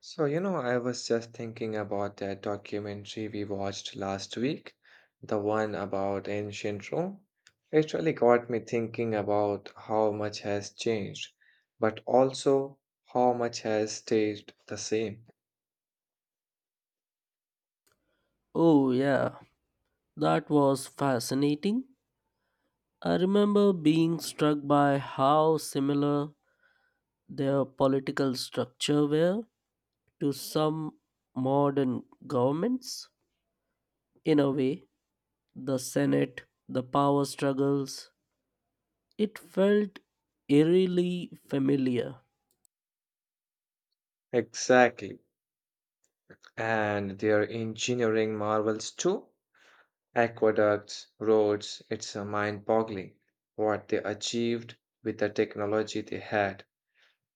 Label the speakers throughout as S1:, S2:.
S1: So, I was just thinking about that documentary we watched last week, the one about ancient Rome. It really got me thinking about how much has changed, but also how much has stayed the same.
S2: Oh, yeah, that was fascinating. I remember being struck by how similar their political structure were to some modern governments. In a way, the Senate, the power struggles, it felt eerily familiar.
S1: Exactly. And their engineering marvels too. Aqueducts, roads, it's mind boggling what they achieved with the technology they had.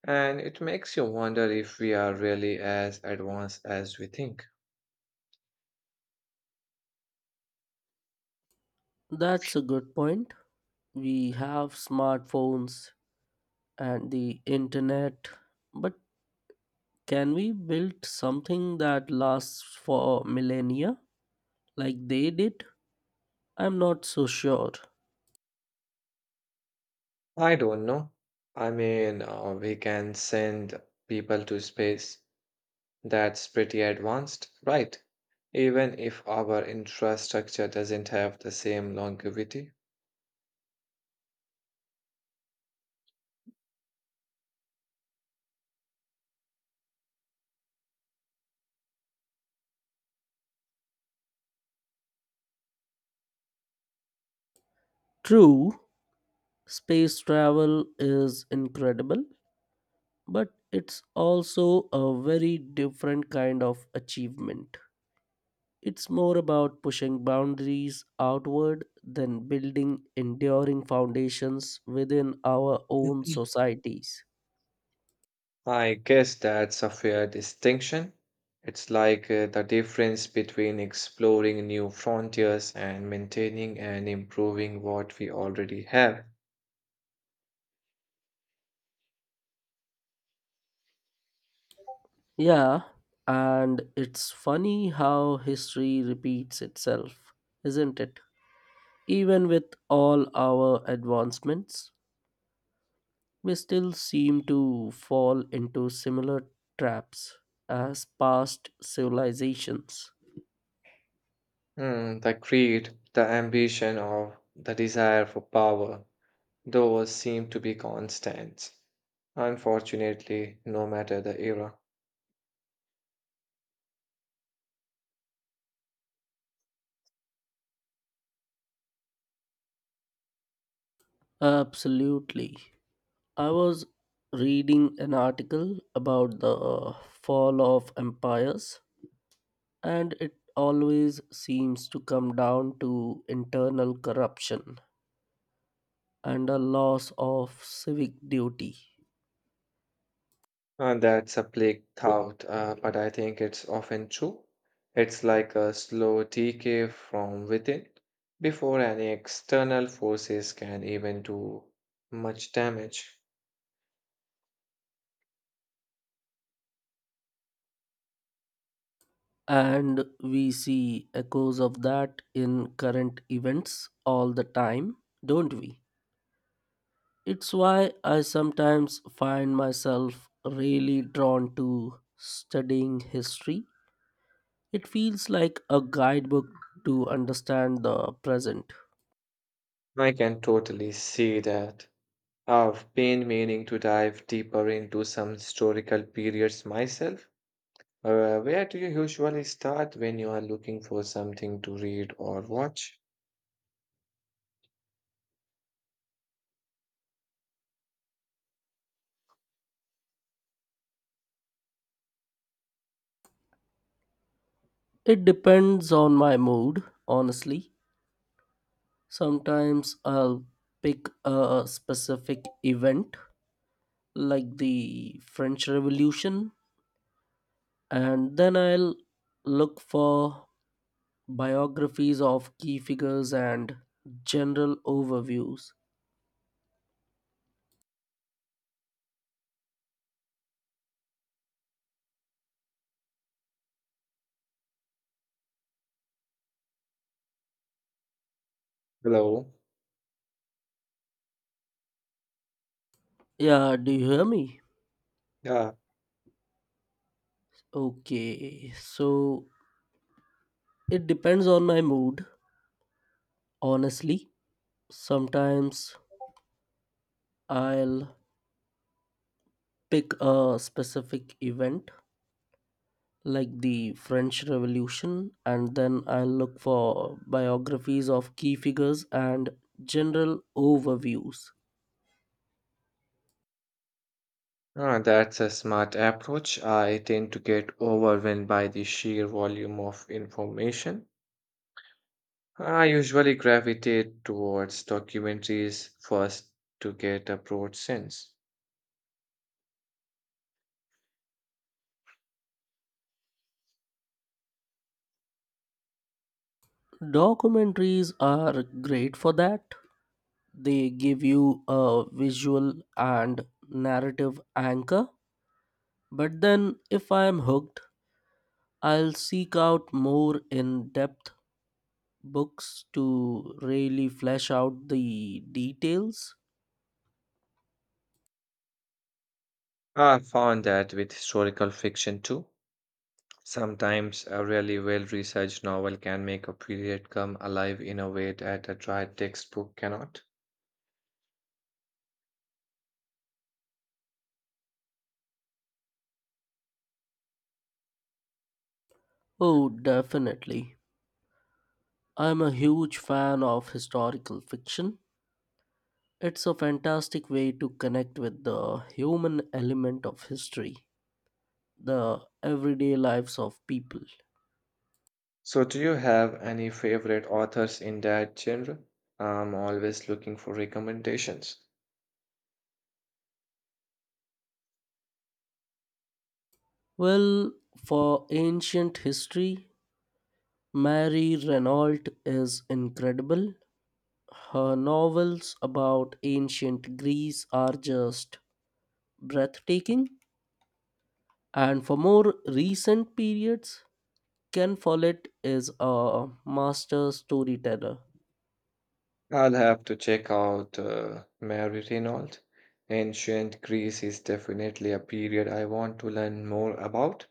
S1: And it makes you wonder if we are really as advanced as we think.
S2: That's a good point. We have smartphones and the internet, but can we build something that lasts for millennia like they did? I'm not so sure.
S1: I don't know. I mean, we can send people to space. That's pretty advanced, right? Even if our infrastructure doesn't have the same longevity.
S2: True, space travel is incredible, but it's also a very different kind of achievement. It's more about pushing boundaries outward than building enduring foundations within our own societies.
S1: I guess that's a fair distinction. It's like the difference between exploring new frontiers and maintaining and improving what we already have.
S2: Yeah, and it's funny how history repeats itself, isn't it? Even with all our advancements, we still seem to fall into similar traps as past civilizations.
S1: Hmm, the greed, the ambition, or the desire for power, those seem to be constants. Unfortunately, no matter the era.
S2: Absolutely. I was reading an article about the fall of empires, and it always seems to come down to internal corruption and a loss of civic duty.
S1: That's a plague thought, but I think it's often true. It's like a slow decay from within before any external forces can even do much damage.
S2: And we see echoes of that in current events all the time, don't we? It's why I sometimes find myself really drawn to studying history. It feels like a guidebook to understand the present.
S1: I can totally see that. I've been meaning to dive deeper into some historical periods myself. Where do you usually start when you are looking for something to read or watch?
S2: It depends on my mood, honestly. Sometimes I'll pick a specific event like the French Revolution, and then I'll look for biographies of key figures and general overviews.
S1: Hello.
S2: Yeah, do you hear me?
S1: Yeah.
S2: Okay, so it depends on my mood, honestly. Sometimes I'll pick a specific event like the French Revolution, and then I'll look for biographies of key figures and general overviews.
S1: Ah, that's a smart approach. I tend to get overwhelmed by the sheer volume of information. I usually gravitate towards documentaries first to get a broad sense.
S2: Documentaries are great for that. They give you a visual and narrative anchor. But then, if I am hooked, I'll seek out more in depth books to really flesh out the details.
S1: I found that with historical fiction too. Sometimes a really well-researched novel can make a period come alive in a way that a dry textbook cannot.
S2: Oh, definitely. I'm a huge fan of historical fiction. It's a fantastic way to connect with the human element of history, the everyday lives of people.
S1: So, do you have any favorite authors in that genre? I'm always looking for recommendations.
S2: Well, for ancient history, Mary Renault is incredible. Her novels about ancient Greece are just breathtaking. And for more recent periods, Ken Follett is a master storyteller.
S1: I'll have to check out Mary Reynolds. Ancient Greece is definitely a period I want to learn more about.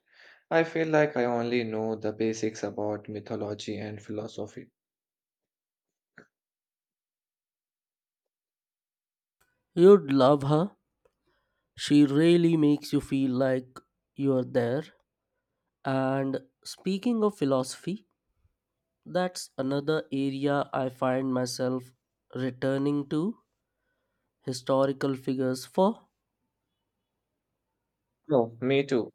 S1: I feel like I only know the basics about mythology and philosophy.
S2: You'd love her. She really makes you feel like you're there. And speaking of philosophy, that's another area I find myself returning to. Historical figures for
S1: No, me too.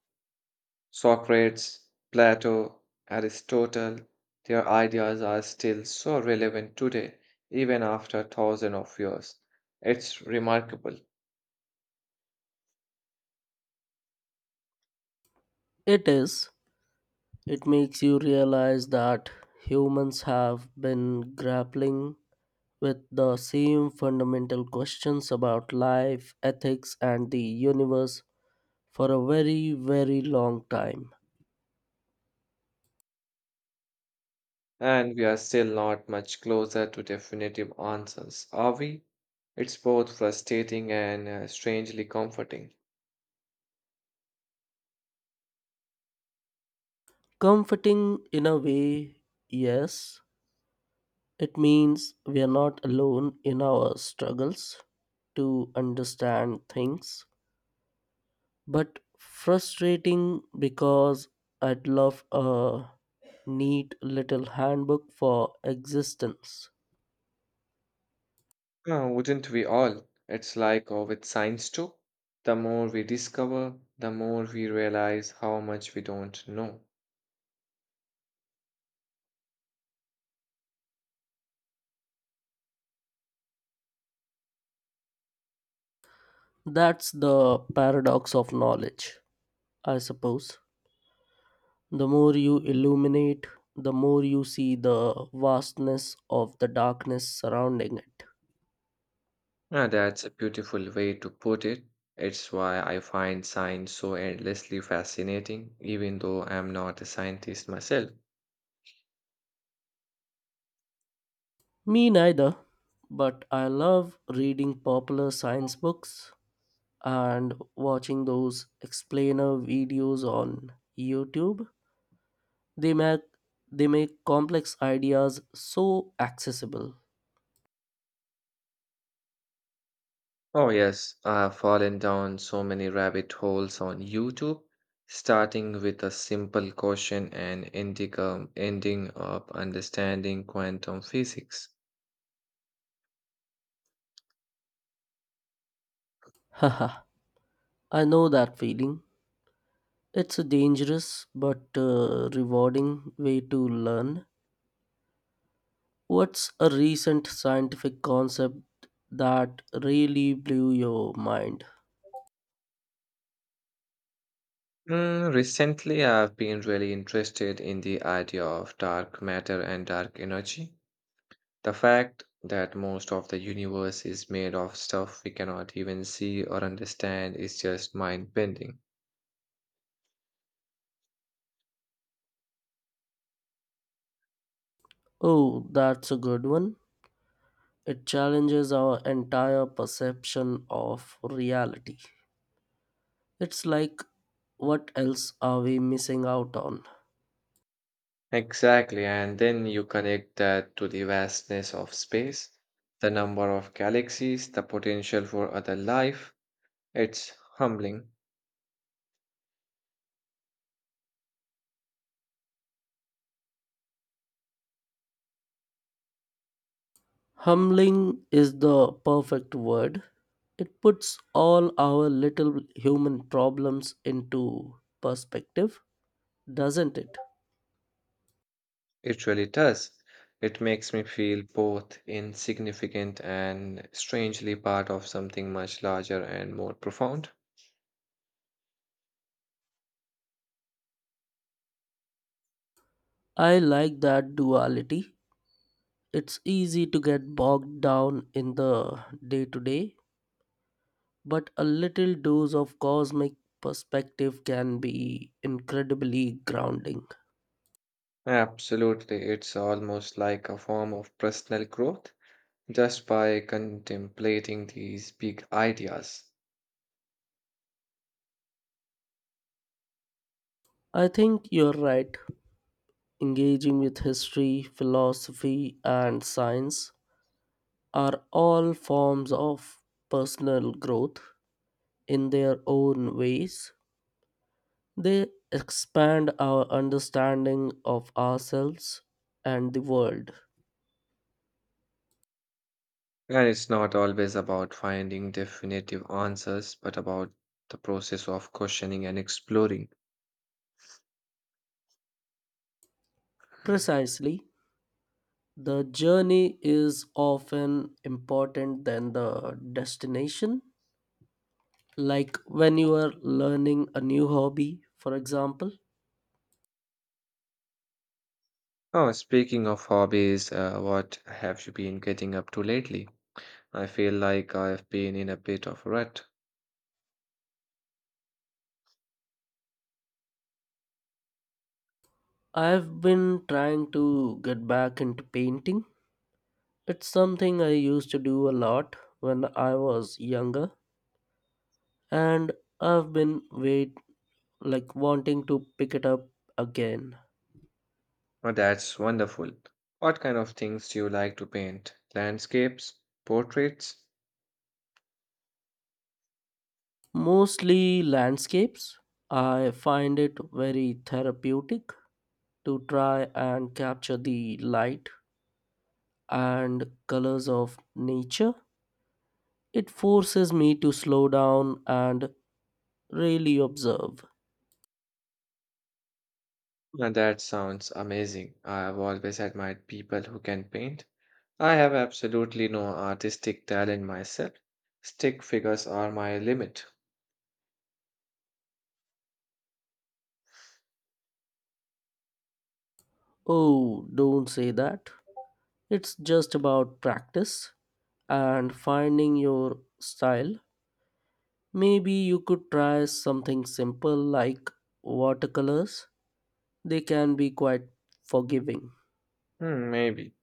S1: Socrates, Plato, Aristotle, their ideas are still so relevant today, even after thousands of years. It's remarkable.
S2: it is, it makes you realize that humans have been grappling with the same fundamental questions about life, ethics, and the universe for a very, very long time.
S1: And we are still not much closer to definitive answers, are we? It's both frustrating and strangely comforting.
S2: Comforting in a way, yes, it means we are not alone in our struggles to understand things, but frustrating because I'd love a neat little handbook for existence.
S1: Wouldn't we all? It's like with science too. The more we discover, the more we realize how much we don't know.
S2: That's the paradox of knowledge, I suppose. The more you illuminate, the more you see the vastness of the darkness surrounding it.
S1: That's a beautiful way to put it. It's why I find science so endlessly fascinating, even though I'm not a scientist myself.
S2: Me neither, but I love reading popular science books and watching those explainer videos on YouTube. They make they make complex ideas so accessible.
S1: Oh, yes, I've fallen down so many rabbit holes on YouTube, starting with a simple question and ending up understanding quantum physics.
S2: Haha, I know that feeling. It's a dangerous but rewarding way to learn. What's a recent scientific concept that really blew your mind?
S1: Mm, recently, I've been really interested in the idea of dark matter and dark energy. The fact that most of the universe is made of stuff we cannot even see or understand is just mind-bending.
S2: Oh, that's a good one. It challenges our entire perception of reality. It's like, what else are we missing out on?
S1: Exactly, and then you connect that to the vastness of space, the number of galaxies, the potential for other life. It's humbling.
S2: Humbling is the perfect word. It puts all our little human problems into perspective, doesn't it?
S1: It really does. It makes me feel both insignificant and strangely part of something much larger and more profound.
S2: I like that duality. It's easy to get bogged down in the day to day, but a little dose of cosmic perspective can be incredibly grounding.
S1: Absolutely, it's almost like a form of personal growth just by contemplating these big ideas.
S2: I think you're right. Engaging with history, philosophy, and science are all forms of personal growth in their own ways. They expand our understanding of ourselves and the world.
S1: And it's not always about finding definitive answers, but about the process of questioning and exploring.
S2: Precisely, the journey is often important than the destination. Like when you are learning a new hobby, for example,
S1: Oh, speaking of hobbies, what have you been getting up to lately? I feel like I've been in a bit of a rut.
S2: I've been trying to get back into painting. It's something I used to do a lot when I was younger and I've been wait like wanting to pick it up again.
S1: Oh, that's wonderful. What kind of things do you like to paint? Landscapes? Portraits?
S2: Mostly landscapes. I find it very therapeutic to try and capture the light and colors of nature. It forces me to slow down and really observe.
S1: And that sounds amazing. I've always admired people who can paint. I have absolutely no artistic talent myself. Stick figures are my limit.
S2: Oh, don't say that. It's just about practice and finding your style. Maybe you could try something simple like watercolors. They can be quite forgiving.
S1: Hmm, maybe.